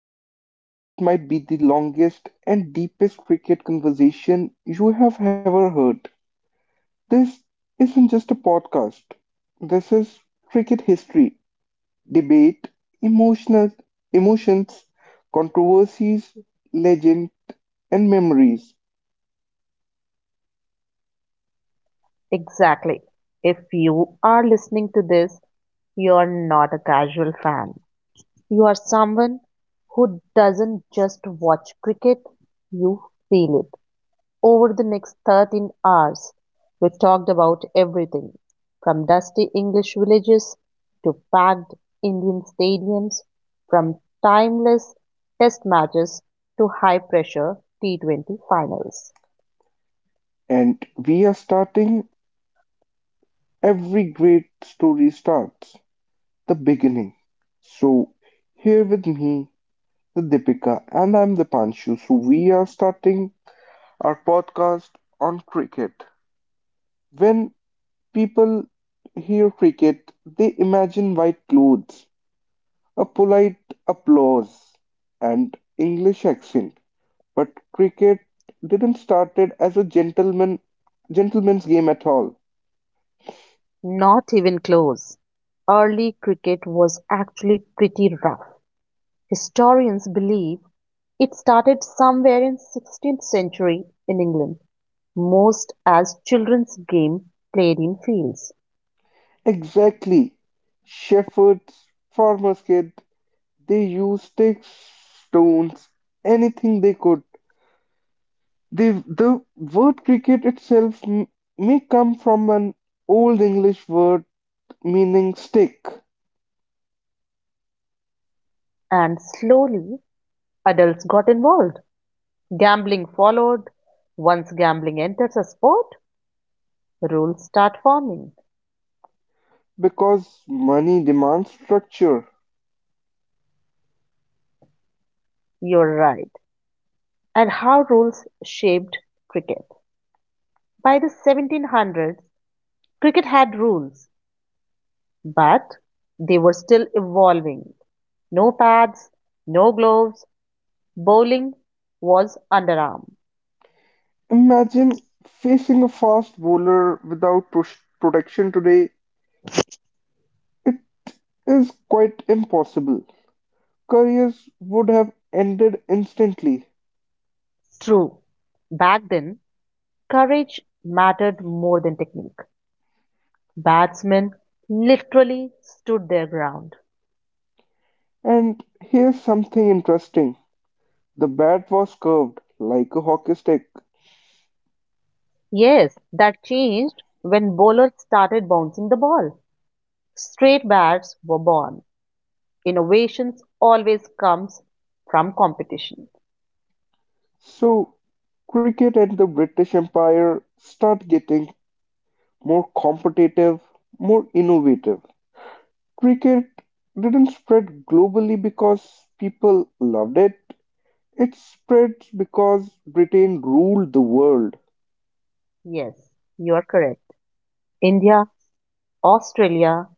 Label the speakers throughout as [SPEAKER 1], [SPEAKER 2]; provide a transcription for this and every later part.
[SPEAKER 1] everyone to what might be the longest and deepest cricket conversation you have ever heard. This isn't just a podcast. This is cricket history, debate, emotional emotions, controversies, legend and memories.
[SPEAKER 2] Exactly. If you are listening to this, you're not a casual fan. You are someone who doesn't just watch cricket, you feel it. Over the next 13 hours, we talked about everything from dusty English villages to packed Indian stadiums, from timeless test matches to high pressure T20 finals.
[SPEAKER 1] And we are starting every great story starts, the beginning. So here with me, the Deepika, and I'm the Panshu. So we are starting our podcast on cricket. When people hear cricket, they imagine white clothes, a polite applause, and English accent. But cricket didn't started as a gentleman's game at all.
[SPEAKER 2] Not even close. Early cricket was actually pretty rough. Historians believe it started somewhere in 16th century in England, most as children's game played in fields,
[SPEAKER 1] Exactly. Shepherds, farmers' kids, they used sticks, stones, anything they could. The word cricket itself may come from an Old English word meaning stick,
[SPEAKER 2] and slowly adults got involved. Gambling followed. Once gambling enters a sport, rules start forming.
[SPEAKER 1] because money demands structure.
[SPEAKER 2] You're right. And how rules shaped cricket. By the 1700s, cricket had rules, but they were still evolving. No pads, no gloves, bowling was underarm.
[SPEAKER 1] Imagine facing a fast bowler without protection today. It is quite impossible. Careers would have ended instantly.
[SPEAKER 2] True, back then, courage mattered more than technique. Batsmen literally stood their ground.
[SPEAKER 1] And here's something interesting: the bat was curved like a hockey stick.
[SPEAKER 2] Yes, that changed when bowlers started bouncing the ball. Straight bats were born. Innovations always comes from competition.
[SPEAKER 1] So cricket and the British Empire start getting more competitive, more innovative. Cricket didn't spread globally because people loved it, it spread because Britain ruled the world.
[SPEAKER 2] Yes, you are correct. India, Australia,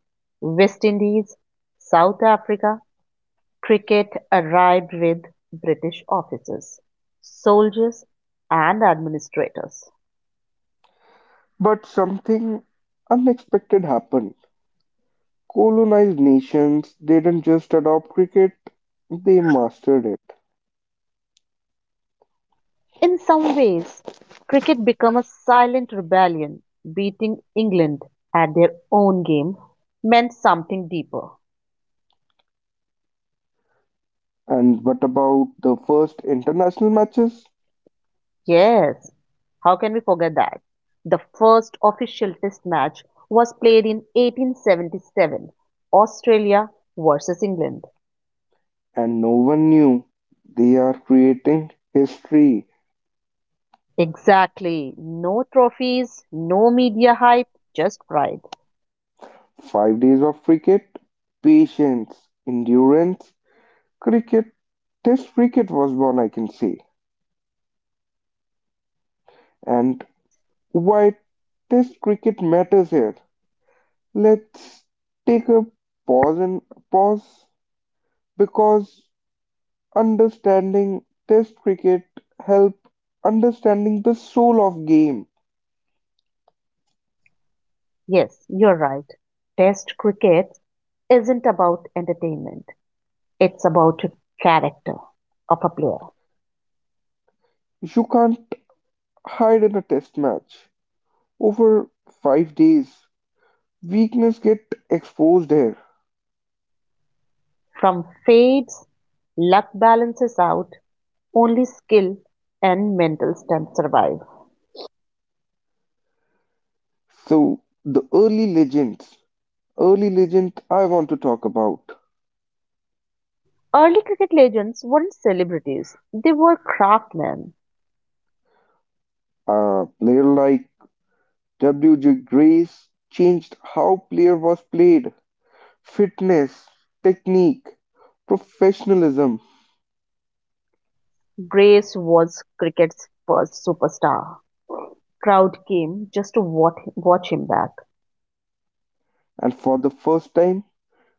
[SPEAKER 2] West Indies, South Africa, cricket arrived with British officers, soldiers and administrators.
[SPEAKER 1] But something unexpected happened. Colonized nations didn't just adopt cricket, they mastered it.
[SPEAKER 2] In some ways, cricket became a silent rebellion. Beating England at their own game meant something deeper.
[SPEAKER 1] And what about the first international matches?
[SPEAKER 2] Yes, how can we forget that? The first official test match was played in 1877, Australia versus England.
[SPEAKER 1] And no one knew. They are creating history.
[SPEAKER 2] Exactly. No trophies, no media hype, just pride.
[SPEAKER 1] 5 days of cricket, patience, endurance, cricket. Test cricket was born, I can say. And why Test cricket matters here. Let's take a pause and pause because understanding Test cricket help understanding the soul of game.
[SPEAKER 2] Yes, you're right. Test cricket isn't about entertainment, it's about character of a player.
[SPEAKER 1] You can't hide in a Test match. Over 5 days, weakness get exposed here.
[SPEAKER 2] From fades, luck balances out, only skill and mental strength survive.
[SPEAKER 1] So the early legends, early legend I want to talk about.
[SPEAKER 2] Early cricket legends weren't celebrities, they were craftsmen.
[SPEAKER 1] A player like W.J. Grace changed how player was played, fitness, technique, professionalism,
[SPEAKER 2] Grace was cricket's first superstar. Crowd came just to watch him back.
[SPEAKER 1] and for the first time,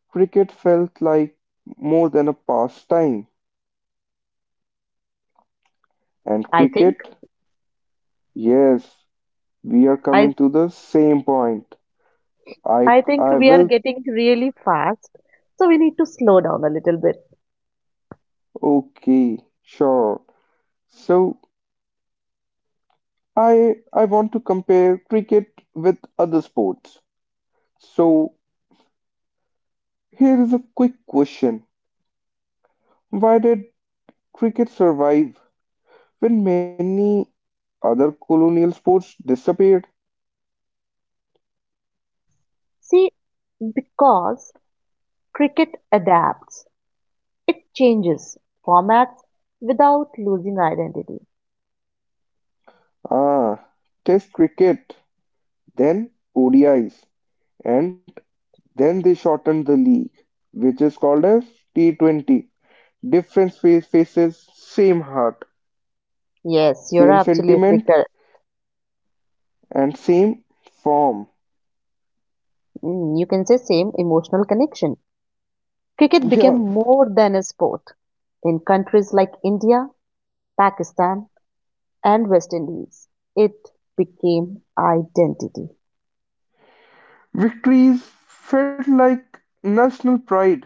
[SPEAKER 1] cricket felt like more than a pastime. And
[SPEAKER 2] I think
[SPEAKER 1] cricket, yes, we are
[SPEAKER 2] I,
[SPEAKER 1] coming to the same point.
[SPEAKER 2] I think
[SPEAKER 1] I
[SPEAKER 2] we are
[SPEAKER 1] will
[SPEAKER 2] getting really fast, so we need to slow down a little bit.
[SPEAKER 1] okay, sure. So I want to compare cricket with other sports. So here is a quick question. Why did cricket survive when many other colonial sports disappeared?
[SPEAKER 2] See, because cricket adapts, it changes formats without losing identity.
[SPEAKER 1] Ah, Test cricket, then ODIs, and then they shortened the league, which is called as T20. Different faces, same heart,
[SPEAKER 2] Yes, you're
[SPEAKER 1] same
[SPEAKER 2] absolutely
[SPEAKER 1] sentiment,
[SPEAKER 2] correct.
[SPEAKER 1] and same form.
[SPEAKER 2] You can say same emotional connection. Cricket became
[SPEAKER 1] Yeah,
[SPEAKER 2] more than a sport. In countries like India, Pakistan, and West Indies, it became identity.
[SPEAKER 1] victories felt like national pride,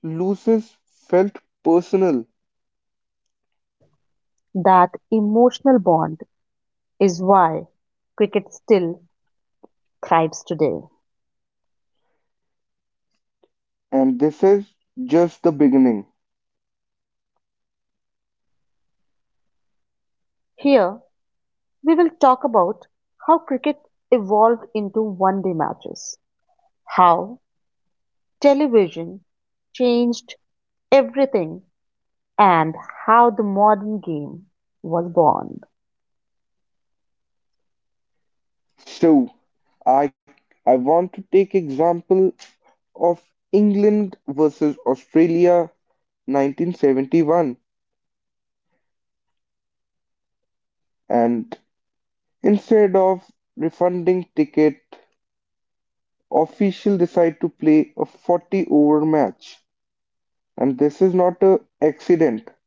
[SPEAKER 1] losses felt personal,
[SPEAKER 2] That emotional bond is why cricket still thrives today.
[SPEAKER 1] and this is just the beginning.
[SPEAKER 2] Here, we will talk about how cricket evolved into one day matches, how television changed everything, and how the modern game was born.
[SPEAKER 1] So, I I want to take example of England versus Australia 1971, and instead of refunding ticket official decide to play a 40 over match, and this is not a accident,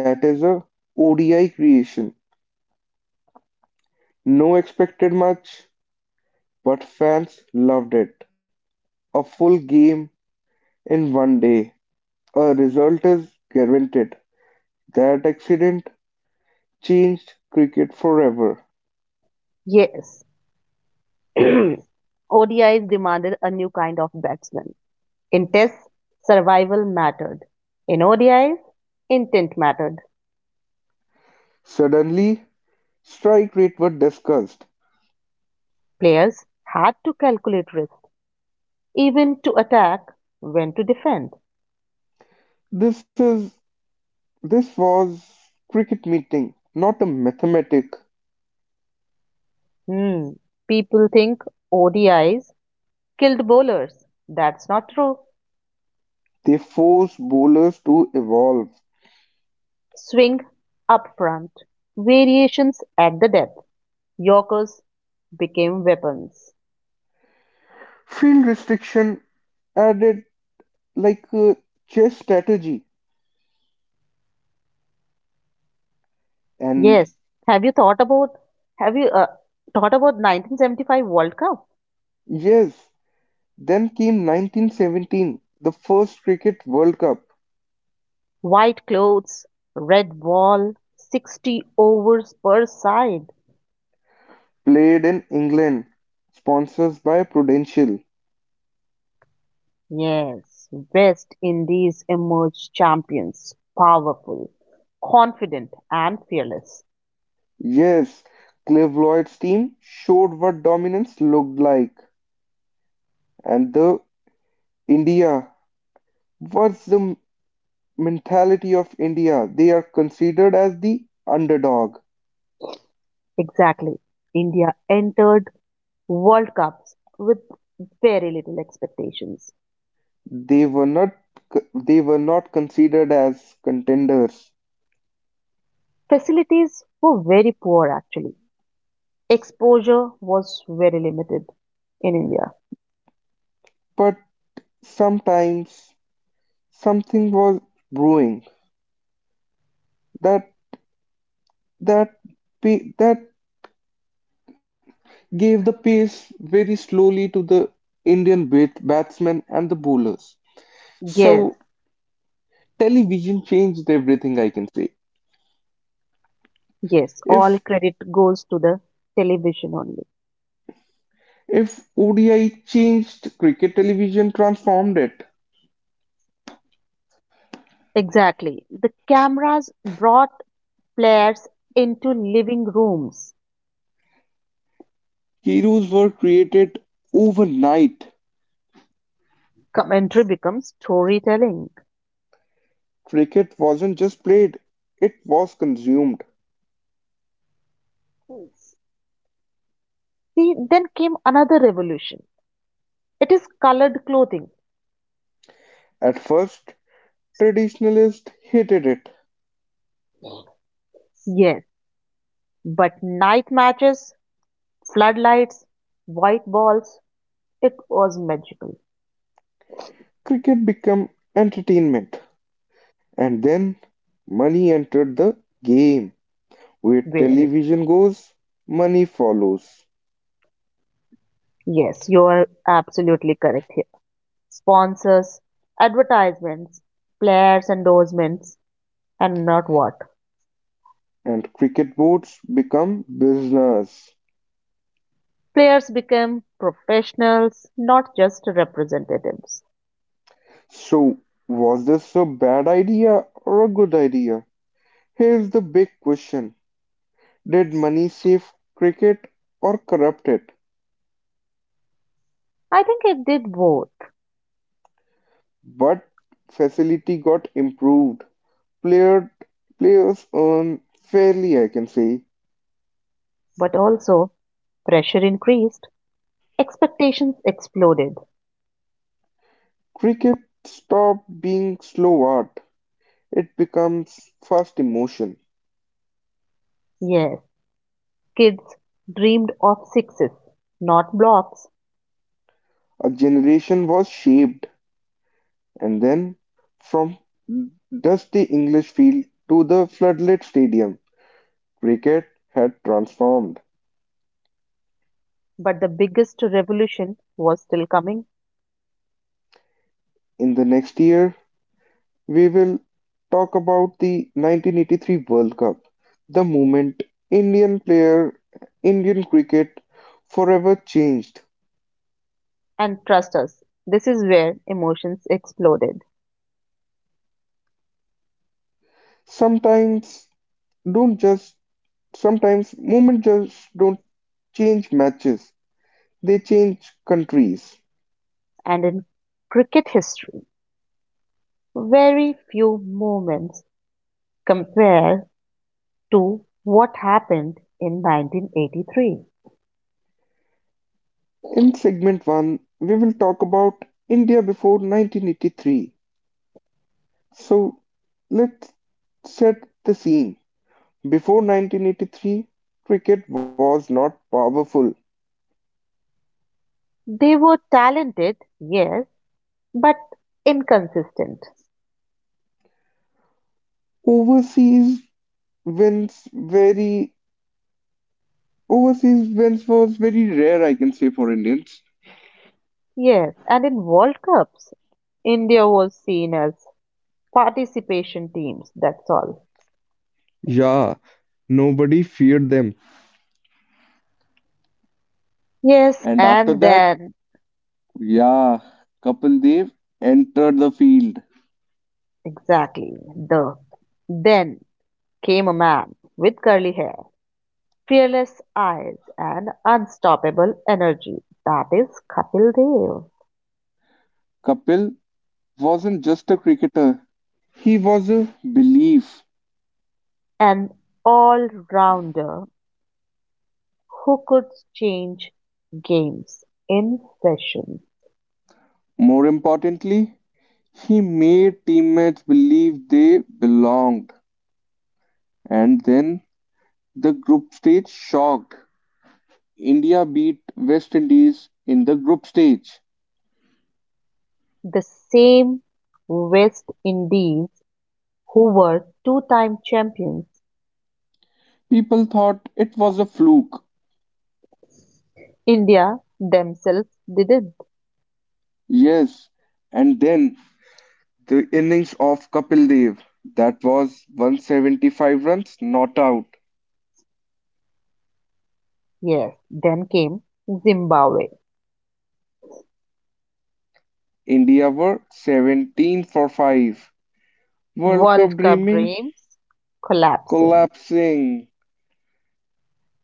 [SPEAKER 1] that is a ODI creation. No expected much, but fans loved it. A full game in 1 day. A result is guaranteed. That accident changed cricket forever.
[SPEAKER 2] Yes, ODIs demanded a new kind of batsman. In tests, survival mattered. In ODIs, intent mattered.
[SPEAKER 1] Suddenly, strike rate were discussed.
[SPEAKER 2] Players had to calculate risk even to attack, when to defend.
[SPEAKER 1] This is this was cricket meeting, not a mathematic.
[SPEAKER 2] Hmm. People think ODIs killed bowlers. That's not true.
[SPEAKER 1] They forced bowlers to evolve.
[SPEAKER 2] Swing up front, variations at the depth, Yorkers became weapons.
[SPEAKER 1] Field restriction added like a chess strategy. And
[SPEAKER 2] Yes. Have you thought about have you thought about 1975 World Cup?
[SPEAKER 1] yes, then came 1917, the first Cricket World Cup
[SPEAKER 2] White clothes, red ball, 60 overs per side.
[SPEAKER 1] played in England, sponsors by Prudential.
[SPEAKER 2] Yes, West Indies emerged champions, powerful, confident, and fearless.
[SPEAKER 1] Yes, Clive Lloyd's team showed what dominance looked like, and the India was the mentality of India. They are considered as the underdog.
[SPEAKER 2] Exactly. India entered World Cups with very little expectations.
[SPEAKER 1] They were not they were not considered as contenders,
[SPEAKER 2] Facilities were very poor, actually. Exposure was very limited in India.
[SPEAKER 1] but sometimes something was brewing that that that gave the pace very slowly to the Indian batsmen and the bowlers.
[SPEAKER 2] Yes,
[SPEAKER 1] So television changed everything, I can say.
[SPEAKER 2] yes, all
[SPEAKER 1] If
[SPEAKER 2] credit goes to the television only.
[SPEAKER 1] if ODI changed cricket, television transformed it.
[SPEAKER 2] Exactly. The cameras brought players into living rooms.
[SPEAKER 1] Heroes were created overnight.
[SPEAKER 2] Commentary becomes storytelling.
[SPEAKER 1] Cricket wasn't just played, it was consumed.
[SPEAKER 2] Yes. See, then came another revolution. It is colored clothing,
[SPEAKER 1] At first, traditionalists hated it.
[SPEAKER 2] yes, but night matches, floodlights, white balls, it was magical.
[SPEAKER 1] Cricket became entertainment. And then money entered the game. Where
[SPEAKER 2] Where,
[SPEAKER 1] television goes, money follows,
[SPEAKER 2] yes, you are absolutely correct here. Sponsors, advertisements, players' endorsements, and not what.
[SPEAKER 1] and cricket boards become business.
[SPEAKER 2] Players became professionals, not just representatives.
[SPEAKER 1] So, was this a bad idea or a good idea? Here's the big question: did money save cricket or corrupt it?
[SPEAKER 2] I think it did both,
[SPEAKER 1] But facility got improved. Player, players earn fairly, I can say.
[SPEAKER 2] but also pressure increased. Expectations exploded.
[SPEAKER 1] Cricket stopped being slow art. It becomes first emotion.
[SPEAKER 2] Yes, kids dreamed of sixes, not blocks,
[SPEAKER 1] A generation was shaped, and then, from dusty English field to the floodlit stadium, cricket had transformed.
[SPEAKER 2] but the biggest revolution was still coming.
[SPEAKER 1] In the next year, we will talk about the 1983 World Cup, the moment Indian player, Indian cricket forever changed.
[SPEAKER 2] And trust us, this is where emotions exploded.
[SPEAKER 1] Sometimes don't just, sometimes moment just don't change matches. They change countries.
[SPEAKER 2] And in cricket history, very few moments compare to what happened in 1983.
[SPEAKER 1] In segment 1, we will talk about India before 1983. So let's set the scene. Before 1983, cricket was not powerful.
[SPEAKER 2] They were talented, yes, but inconsistent.
[SPEAKER 1] Overseas wins very overseas wins was very rare, I can say, for Indians.
[SPEAKER 2] Yes, and in World Cups, India was seen as participation teams, that's all.
[SPEAKER 1] Yeah, nobody feared them.
[SPEAKER 2] Yes,
[SPEAKER 1] And after
[SPEAKER 2] and
[SPEAKER 1] that,
[SPEAKER 2] then,
[SPEAKER 1] yeah, Kapil Dev entered the field.
[SPEAKER 2] exactly, the then came a man with curly hair, fearless eyes, and unstoppable energy. That is Kapil Dev,
[SPEAKER 1] Kapil wasn't just a cricketer, he was a belief.
[SPEAKER 2] an all rounder who could change games in session.
[SPEAKER 1] More importantly, he made teammates believe they belonged. And then the group stage shocked. India beat West Indies in the group stage.
[SPEAKER 2] The same West Indies, who were two time champions,
[SPEAKER 1] People thought it was a fluke.
[SPEAKER 2] India themselves did it.
[SPEAKER 1] Yes, and then the innings of Kapil Dev, that was 175 runs not out.
[SPEAKER 2] Yes, then came Zimbabwe.
[SPEAKER 1] India were 17 for 5. World Cup
[SPEAKER 2] World Cup
[SPEAKER 1] dreaming
[SPEAKER 2] dreams collapsing.
[SPEAKER 1] collapsing,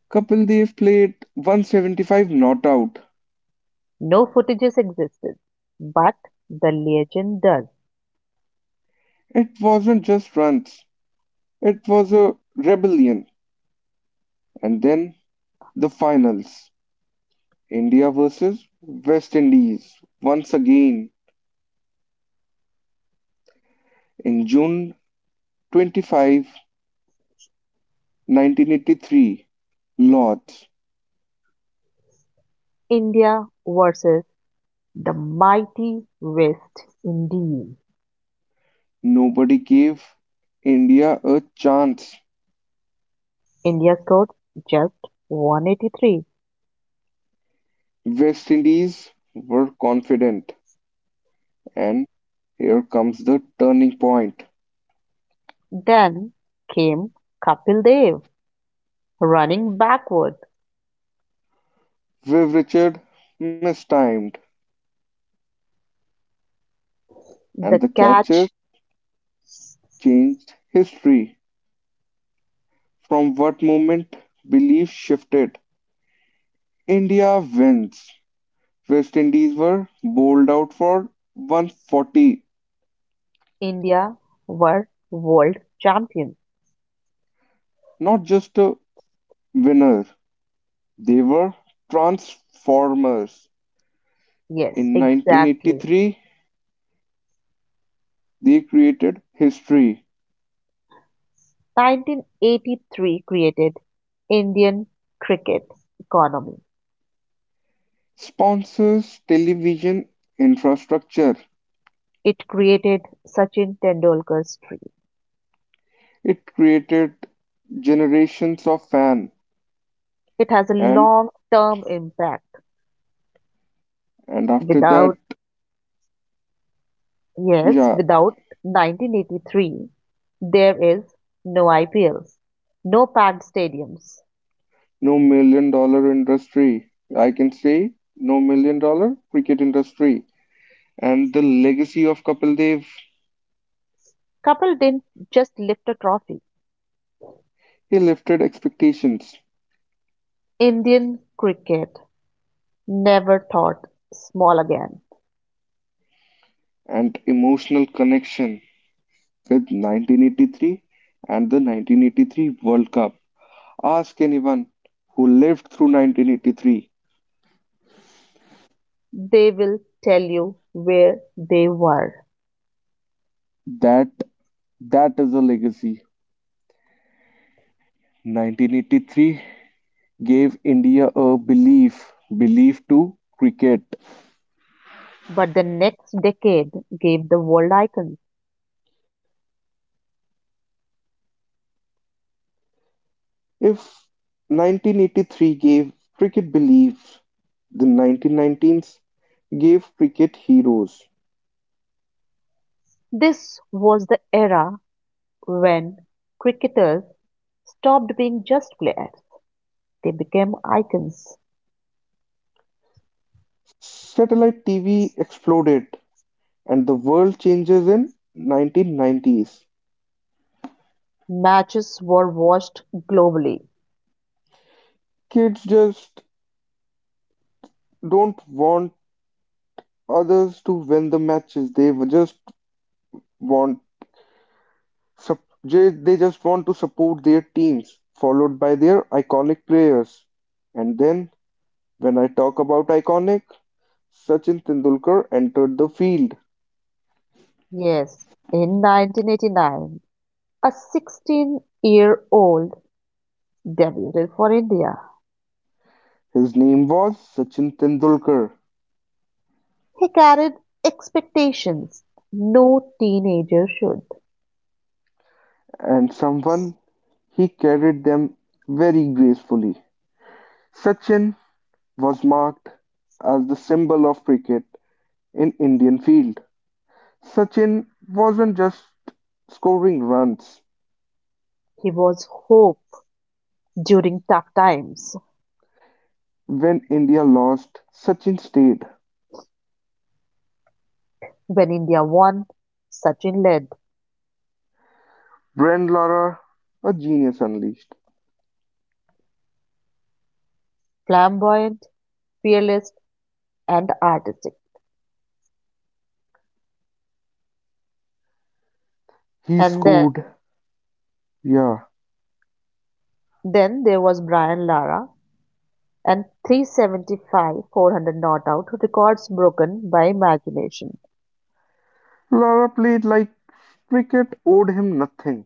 [SPEAKER 1] Kapil Dev played 175 not out.
[SPEAKER 2] No footages existed, but the legend does.
[SPEAKER 1] It wasn't just runs, it was a rebellion. And then the finals, India versus West Indies once again in June 25, 1983. Lords,
[SPEAKER 2] India versus the mighty West Indies.
[SPEAKER 1] nobody gave India a chance.
[SPEAKER 2] India scored just 183.
[SPEAKER 1] West Indies were confident, and here comes the turning point.
[SPEAKER 2] Then came Kapil Dev running backward.
[SPEAKER 1] Viv Richard mistimed, and
[SPEAKER 2] The
[SPEAKER 1] the catcher
[SPEAKER 2] catch.
[SPEAKER 1] changed history. From what moment belief shifted. India wins. West Indies were bowled out for 140.
[SPEAKER 2] India were world champions.
[SPEAKER 1] Not just a winner, they were transformers.
[SPEAKER 2] Yes,
[SPEAKER 1] In
[SPEAKER 2] exactly.
[SPEAKER 1] 1983, they created history.
[SPEAKER 2] 1983 created Indian cricket's economy.
[SPEAKER 1] Sponsors television infrastructure.
[SPEAKER 2] It created Sachin Tendulkar's dream.
[SPEAKER 1] It created generations of fans
[SPEAKER 2] It has a
[SPEAKER 1] and
[SPEAKER 2] long-term impact.
[SPEAKER 1] And after that,
[SPEAKER 2] Without, Yes,
[SPEAKER 1] yeah,
[SPEAKER 2] without 1983, there is no IPLs, no packed stadiums.
[SPEAKER 1] no million dollar industry. I can say no million dollar cricket industry. And the legacy of Kapil Dev,
[SPEAKER 2] Kapil didn't just lift a trophy.
[SPEAKER 1] he lifted expectations
[SPEAKER 2] Indian cricket never thought small again.
[SPEAKER 1] and emotional connection with 1983 and the 1983 World Cup. Ask anyone who lived through 1983,
[SPEAKER 2] They will tell you where they were.
[SPEAKER 1] that that is a legacy. 1983 gave India a belief, belief to cricket.
[SPEAKER 2] But the next decade gave the world icons.
[SPEAKER 1] If 1983 gave cricket belief, the 1990s gave cricket heroes.
[SPEAKER 2] This was the era when cricketers stopped being just players, they became icons.
[SPEAKER 1] Satellite TV exploded, and the world changes in 1990s.
[SPEAKER 2] Matches were watched globally.
[SPEAKER 1] Kids just don't want others to win the matches. They just want they just want to support their teams, followed by their iconic players. And then when I talk about iconic, Sachin Tendulkar entered the field.
[SPEAKER 2] Yes, in 1989, a 16-year-old debuted for India.
[SPEAKER 1] His name was Sachin Tendulkar,
[SPEAKER 2] He carried expectations no teenager should.
[SPEAKER 1] and someone he carried them very gracefully. Sachin was marked as the symbol of cricket in Indian field. Sachin wasn't just scoring runs.
[SPEAKER 2] He was hope during tough times.
[SPEAKER 1] When India lost, Sachin stayed.
[SPEAKER 2] When India won, Sachin led.
[SPEAKER 1] Brand Lara, a genius unleashed.
[SPEAKER 2] Flamboyant, fearless, and artistic.
[SPEAKER 1] He
[SPEAKER 2] And then,
[SPEAKER 1] scored, yeah,
[SPEAKER 2] then there was Brian Lara and 375 400 not out records broken by imagination.
[SPEAKER 1] Lara played like cricket owed him nothing,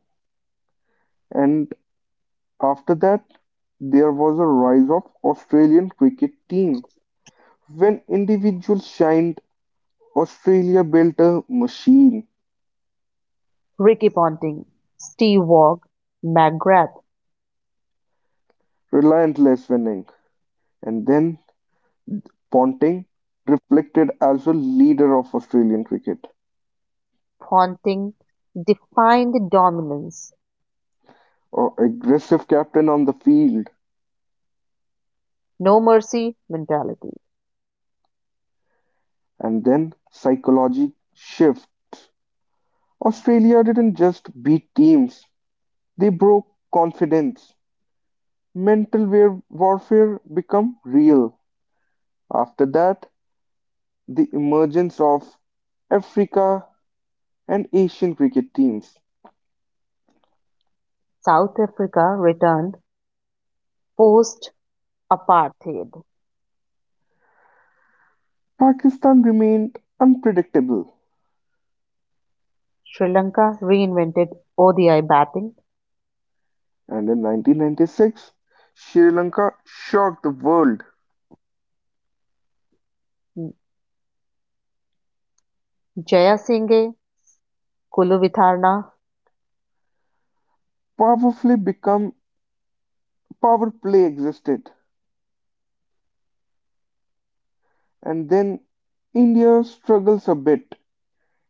[SPEAKER 1] and after that, there was a rise of Australian cricket team. When individuals shined, Australia built a machine,
[SPEAKER 2] Ricky Ponting, Steve Waugh, McGrath,
[SPEAKER 1] relentless winning, and then Ponting reflected as a leader of Australian cricket,
[SPEAKER 2] Ponting defined dominance,
[SPEAKER 1] or aggressive captain on the field,
[SPEAKER 2] no mercy mentality.
[SPEAKER 1] and then psychology shift. Australia didn't just beat teams, they broke confidence. Mental warfare become real. After that, the emergence of Africa and Asian cricket teams.
[SPEAKER 2] South Africa returned post apartheid.
[SPEAKER 1] Pakistan remained unpredictable,
[SPEAKER 2] Sri Lanka reinvented ODI batting.
[SPEAKER 1] and in 1996, Sri Lanka shocked the world.
[SPEAKER 2] Jayasinghe, Kuluvitharna.
[SPEAKER 1] Powerfully become power play existed, and then India struggles a bit.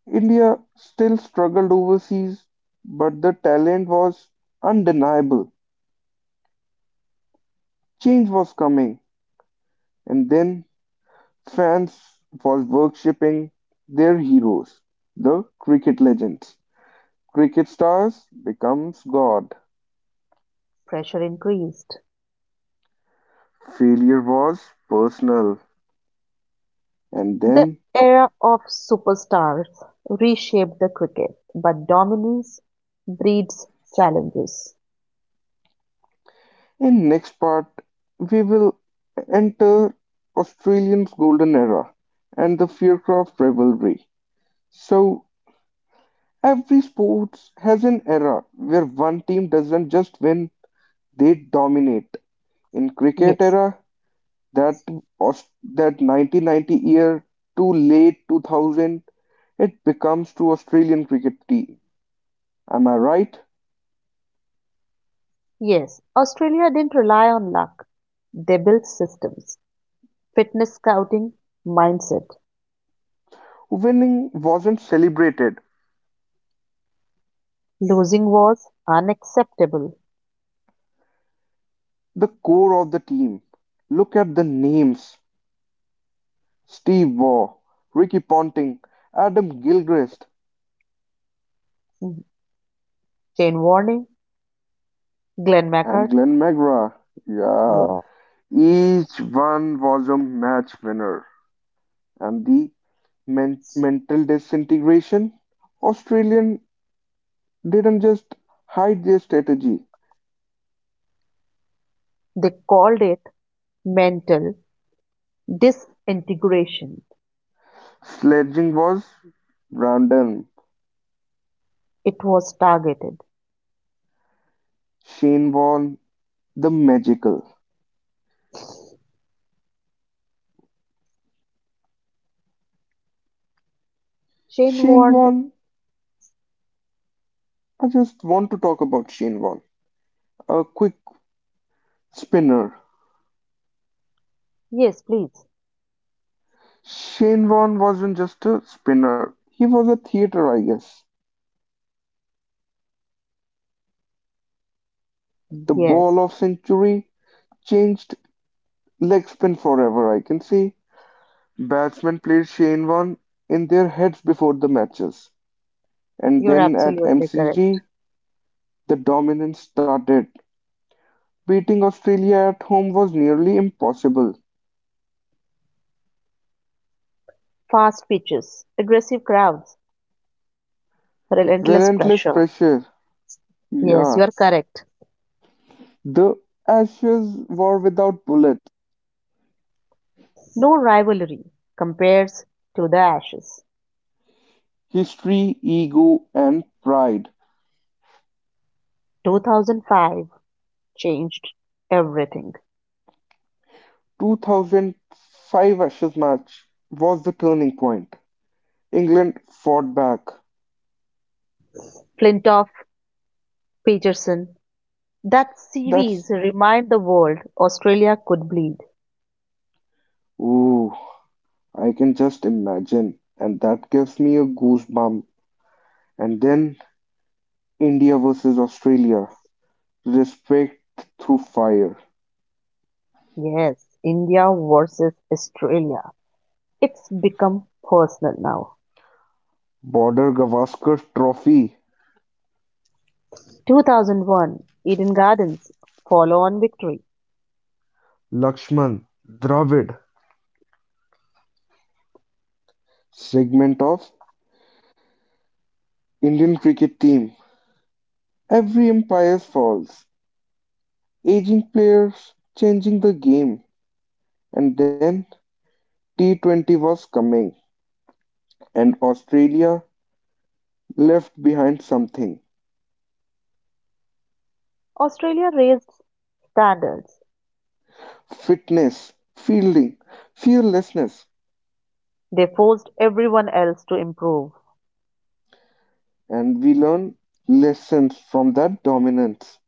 [SPEAKER 1] India still struggled overseas, but the talent was undeniable. Change was coming, and then fans was worshipping their heroes, the cricket legends. Cricket stars becomes God.
[SPEAKER 2] Pressure increased.
[SPEAKER 1] Failure was personal. And
[SPEAKER 2] The
[SPEAKER 1] then
[SPEAKER 2] era of superstars reshaped the cricket, but dominance breeds challenges.
[SPEAKER 1] in next part we will enter Australian's golden era and the Faircroft rivalry. So every sports has an era where one team doesn't just win, they dominate. In cricket
[SPEAKER 2] Yes,
[SPEAKER 1] era, that Aus- that 1990 year to late 2000 it becomes to Australian cricket team. Am I right?
[SPEAKER 2] yes, Australia didn't rely on luck. They built systems, fitness scouting, mindset.
[SPEAKER 1] Winning wasn't celebrated.
[SPEAKER 2] Losing was unacceptable.
[SPEAKER 1] The core of the team. Look at the names: Steve Waugh, Ricky Ponting, Adam Gilchrist,
[SPEAKER 2] Mhm. Jane Warning, Glenn
[SPEAKER 1] and
[SPEAKER 2] McCart,
[SPEAKER 1] Glenn McGrath. Yeah,
[SPEAKER 2] yeah,
[SPEAKER 1] each one was a match winner, and the mental disintegration. Australian didn't just hide their strategy.
[SPEAKER 2] they called it mental disintegration.
[SPEAKER 1] Sledging was random.
[SPEAKER 2] It was targeted.
[SPEAKER 1] Shane Warne, the magical.
[SPEAKER 2] Jane
[SPEAKER 1] Shane
[SPEAKER 2] Warren,
[SPEAKER 1] Warne, I just want to talk about Shane Warne. A quick spinner.
[SPEAKER 2] yes, please.
[SPEAKER 1] Shane Warne wasn't just a spinner, he was a theater, I guess. The
[SPEAKER 2] Yes,
[SPEAKER 1] ball of century changed leg spin forever, I can see. Batsmen played Shane Warne in their heads before the matches. And
[SPEAKER 2] you're
[SPEAKER 1] then at
[SPEAKER 2] absolutely correct.
[SPEAKER 1] MCG, the dominance started. Beating Australia at home was nearly impossible.
[SPEAKER 2] Fast pitches, aggressive crowds, relentless
[SPEAKER 1] Relentless
[SPEAKER 2] pressure.
[SPEAKER 1] pressure.
[SPEAKER 2] Yes,
[SPEAKER 1] Yeah.
[SPEAKER 2] you are correct.
[SPEAKER 1] The Ashes were without bullets.
[SPEAKER 2] No rivalry compares to the Ashes.
[SPEAKER 1] History, ego, and pride.
[SPEAKER 2] 2005 changed everything.
[SPEAKER 1] 2005 Ashes match was the turning point. England fought back.
[SPEAKER 2] Flintoff, Peterson, that
[SPEAKER 1] That's.
[SPEAKER 2] series remind the world Australia could bleed.
[SPEAKER 1] Ooh, I can just imagine. And that gives me a goosebump. And then India versus Australia. Respect through fire.
[SPEAKER 2] Yes, India versus Australia. It's become personal now.
[SPEAKER 1] Border Gavaskar Trophy.
[SPEAKER 2] 2001 Eden Gardens follow on victory.
[SPEAKER 1] Lakshman Dravid segment of Indian cricket team. Every empire falls, aging players changing the game, and then T20 was coming, and Australia left behind something:
[SPEAKER 2] Australia raised standards,
[SPEAKER 1] fitness, fielding, fearlessness,
[SPEAKER 2] they forced everyone else to improve.
[SPEAKER 1] and we learn lessons from that dominance.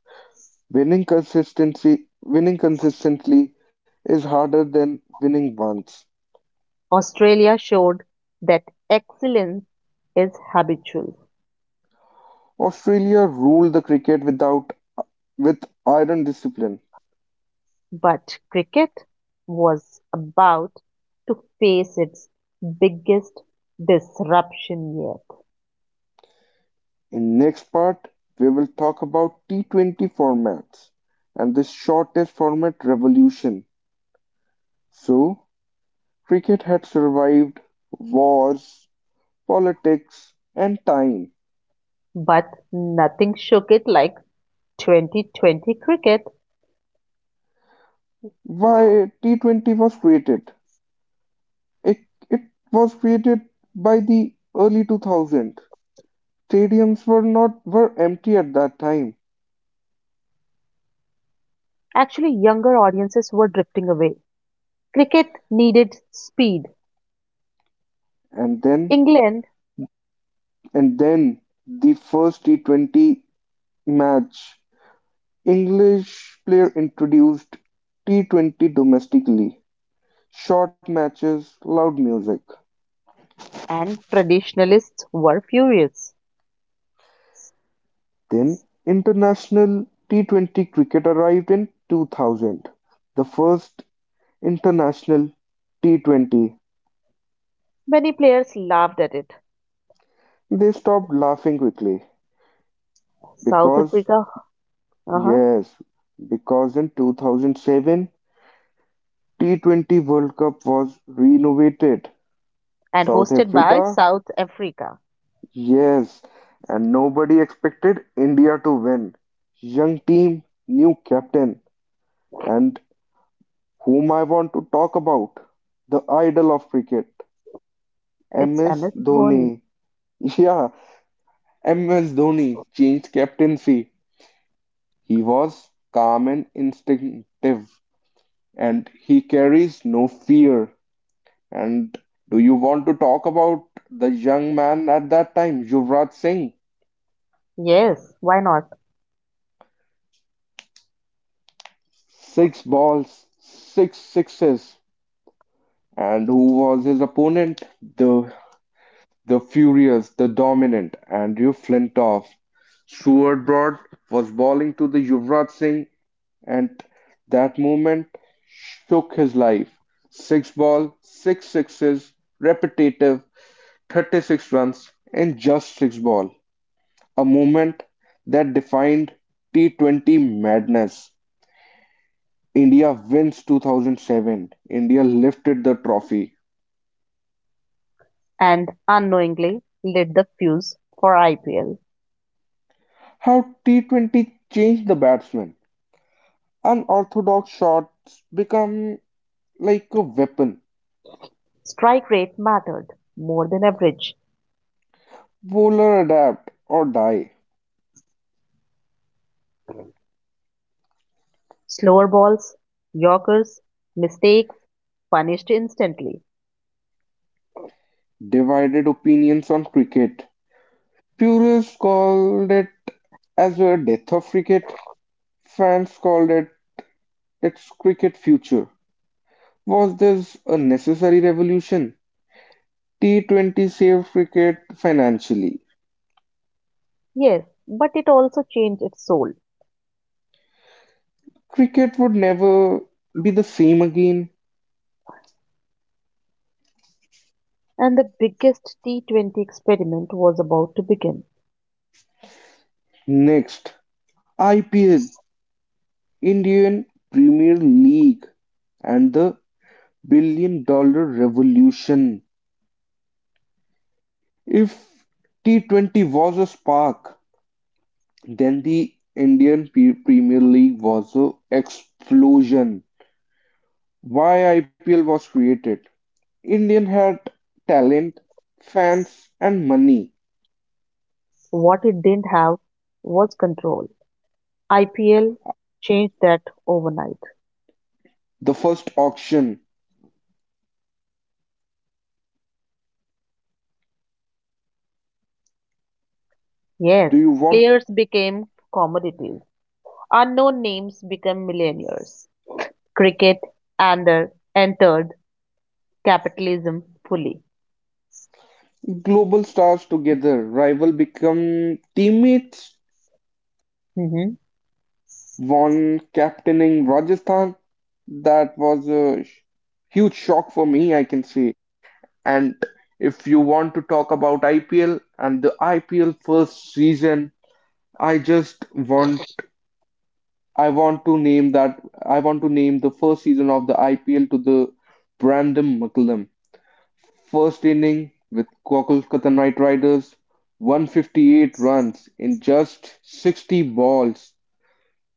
[SPEAKER 1] Winning consistency, winning consistently is harder than winning once.
[SPEAKER 2] Australia showed that excellence is habitual,
[SPEAKER 1] Australia ruled the cricket without with iron discipline.
[SPEAKER 2] but cricket was about to face its biggest disruption yet.
[SPEAKER 1] In next part, we will talk about T20 formats and the shortest format revolution. So, cricket had survived wars, politics, and time.
[SPEAKER 2] But nothing shook it like 2020 cricket.
[SPEAKER 1] Why T20 was created? It, it was created by the early 2000s. Stadiums were not were empty at that time,
[SPEAKER 2] Actually, younger audiences were drifting away. Cricket needed speed.
[SPEAKER 1] and then
[SPEAKER 2] England,
[SPEAKER 1] and then the first T20 match English player introduced T-20 domestically, short matches, loud music.
[SPEAKER 2] and traditionalists were furious.
[SPEAKER 1] Then international T-20 cricket arrived in 2000, the first international T20.
[SPEAKER 2] Many players laughed at it,
[SPEAKER 1] They stopped laughing quickly
[SPEAKER 2] South
[SPEAKER 1] because,
[SPEAKER 2] Africa, uh-huh,
[SPEAKER 1] yes, because in 2007 T20 World Cup was renovated.
[SPEAKER 2] and
[SPEAKER 1] South
[SPEAKER 2] hosted by
[SPEAKER 1] Africa.
[SPEAKER 2] South Africa.
[SPEAKER 1] Yes, and nobody expected India to win. Young team, new captain, and whom I want to talk about, the idol of cricket,
[SPEAKER 2] It's
[SPEAKER 1] MS
[SPEAKER 2] MS Dhoni.
[SPEAKER 1] Dhoni. Yeah, MS Dhoni changed captaincy. He was calm and instinctive, and he carries no fear. And do you want to talk about the young man at that time, Yuvraj Singh?
[SPEAKER 2] Yes, why not?
[SPEAKER 1] Six balls, six sixes. And who was his opponent? The the furious, the dominant Andrew Flintoff. Stuart Broad was bowling to the Yuvraj Singh, and that moment shook his life. Six ball, six sixes, repetitive, 36 runs in just six ball. A moment that defined T20 madness. India wins 2007. India lifted the trophy.
[SPEAKER 2] And unknowingly lit the fuse for IPL.
[SPEAKER 1] How T20 changed the batsman. Unorthodox shots become like a weapon.
[SPEAKER 2] Strike rate mattered more than average.
[SPEAKER 1] Bowler adapt or die.
[SPEAKER 2] Slower balls, yorkers, mistakes punished instantly.
[SPEAKER 1] Divided opinions on cricket. Purists called it as a death of cricket. Fans called it its cricket future. Was this a necessary revolution? T20 saved cricket financially.
[SPEAKER 2] Yes, but it also changed its soul.
[SPEAKER 1] Cricket would never be the same again.
[SPEAKER 2] And the biggest T20 experiment was about to begin.
[SPEAKER 1] Next, IPL, Indian Premier League, and the billion dollar revolution. If T20 was a spark, then the Indian Premier League was an explosion. Why IPL was created? Indian had talent, fans, and money.
[SPEAKER 2] What it didn't have was control. IPL changed that overnight.
[SPEAKER 1] The first auction.
[SPEAKER 2] Yes,
[SPEAKER 1] Do you want
[SPEAKER 2] players became commodities. Unknown names became millionaires. Cricket and the- entered capitalism fully.
[SPEAKER 1] global stars together? Rival become teammates.
[SPEAKER 2] Mhm.
[SPEAKER 1] One captaining Rajasthan, that was a sh- huge shock for me, I can say. And if you want to talk about IPL and the IPL first season, I just want I want to name the first season of the IPL to the Brandon McCullum. First inning with Kolkata Knight Riders, 158 runs in just 60 balls.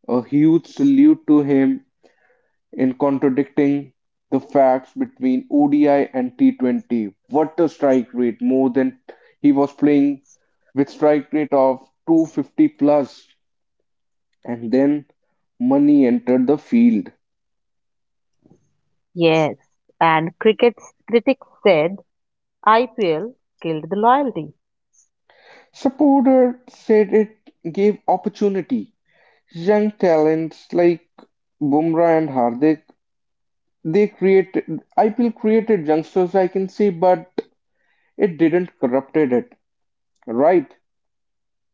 [SPEAKER 1] A huge salute to him in contradicting the facts between ODI and T20. What a strike rate! More than, he was playing with strike rate of 250 plus, and then money entered the field.
[SPEAKER 2] Yes, and cricket's critics said IPL killed the loyalty.
[SPEAKER 1] Supporter said it gave opportunity. Young talents like Bumrah and Hardik, they created IPL created youngsters, I can say, but it didn't corrupted it, right?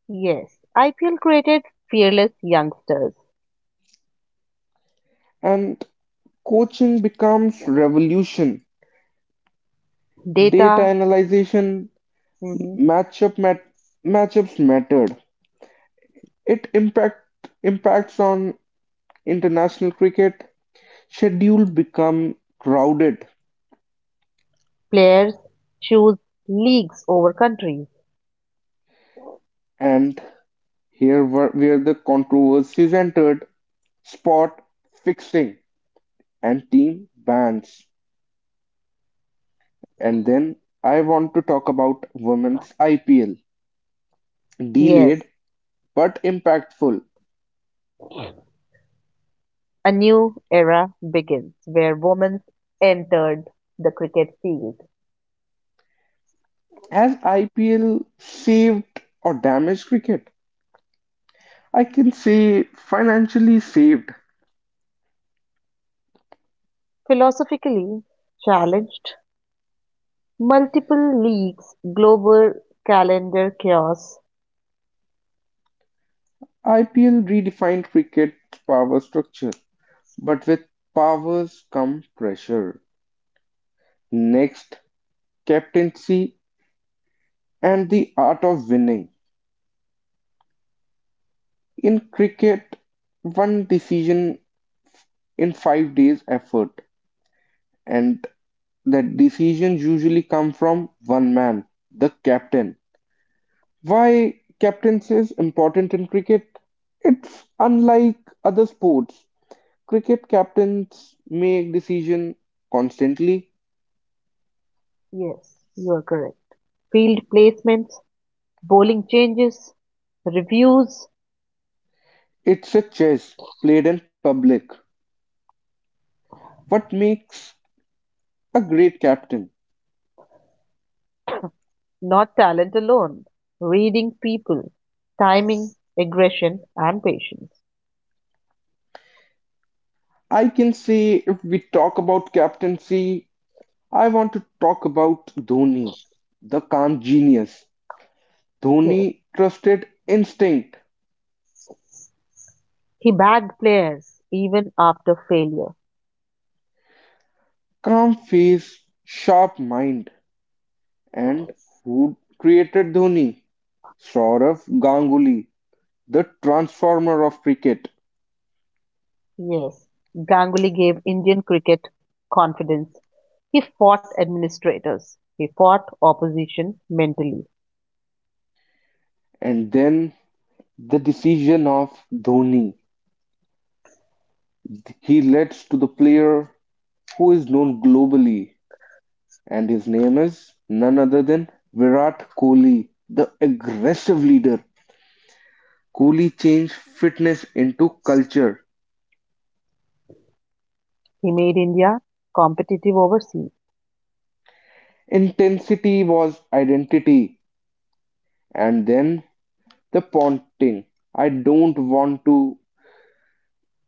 [SPEAKER 2] Yes, IPL created fearless youngsters.
[SPEAKER 1] And coaching becomes revolution, data
[SPEAKER 2] Data,
[SPEAKER 1] analyzation,
[SPEAKER 2] mhm,
[SPEAKER 1] matchup mat- matchups mattered. It impacts on international cricket. Schedule become crowded,
[SPEAKER 2] players choose leagues over countries.
[SPEAKER 1] and here were, where the controversies entered: spot fixing and team bans. And then I want to talk about women's IPL,
[SPEAKER 2] Yes,
[SPEAKER 1] delayed but impactful.
[SPEAKER 2] a new era begins where women entered the cricket field.
[SPEAKER 1] Has IPL saved or damaged cricket? I can say financially saved.
[SPEAKER 2] Philosophically challenged, multiple leagues, global calendar chaos.
[SPEAKER 1] IPL redefined cricket's power structure, but with powers come pressure. Next, captaincy and the art of winning. In cricket, one decision in 5 days effort, and that decisions usually come from one man, the captain. Why captaincy is important in cricket? It's unlike other sports. Cricket captains make decisions constantly.
[SPEAKER 2] Yes, you are correct. Field placements, bowling changes, reviews,
[SPEAKER 1] It's a chess played in public. What makes a great captain?
[SPEAKER 2] not talent alone, reading people, timing, aggression, and patience.
[SPEAKER 1] I can say if we talk about captaincy, I want to talk about Dhoni, the calm genius. Dhoni trusted instinct,
[SPEAKER 2] Yes. He bagged players even after failure.
[SPEAKER 1] calm face, sharp mind. And who created Dhoni? Sourav Ganguly, the transformer of cricket.
[SPEAKER 2] Yes, Ganguly gave Indian cricket confidence. He fought administrators. He fought opposition mentally.
[SPEAKER 1] And then the decision of Dhoni. He leads to the player who is known globally, and his name is none other than Virat Kohli, the aggressive leader. Kohli changed fitness into culture.
[SPEAKER 2] He made India competitive overseas.
[SPEAKER 1] Intensity was identity, and then the ponting. I don't want to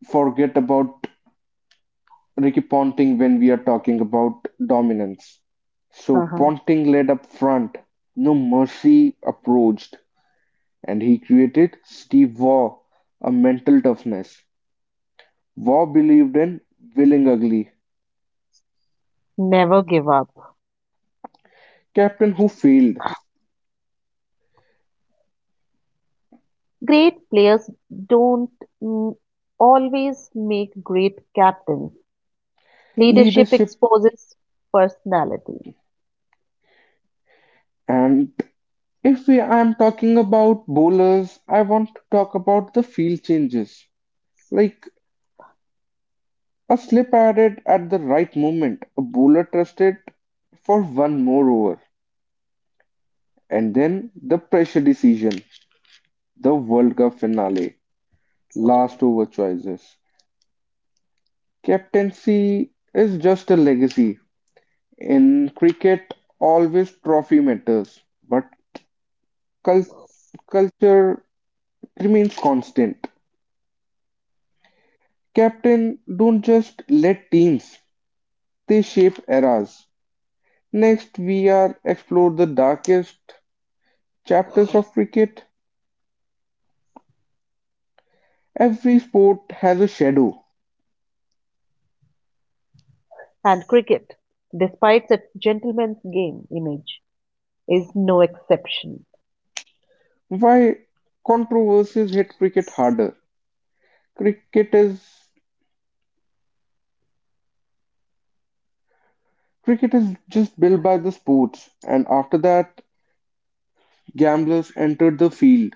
[SPEAKER 1] forget about Ricky Ponting when we are talking about dominance. So
[SPEAKER 2] Uh-huh.
[SPEAKER 1] Ponting led up front, no mercy approached, and he created Steve Waugh, a mental toughness. Waugh believed in willing ugly,
[SPEAKER 2] Never give up.
[SPEAKER 1] captain who failed,
[SPEAKER 2] Great players don't mm, always make great captains. Leadership
[SPEAKER 1] leadership,
[SPEAKER 2] exposes personality.
[SPEAKER 1] and if I'm talking about bowlers, I want to talk about the field changes. Like, a slip added at the right moment, a bowler trusted for one more over, and then the pressure decision, the World Cup finale, last over choices. Captaincy is just a legacy. In cricket, always trophy matters, but cul- culture remains constant. Captain don't just let teams, they shape eras. Next, we are explore the darkest chapters of cricket. Every sport has a shadow.
[SPEAKER 2] And cricket, despite its gentleman's game image, is no exception.
[SPEAKER 1] Why controversies hit cricket harder? Cricket is cricket is just built by the sports, and after that, gamblers entered the field.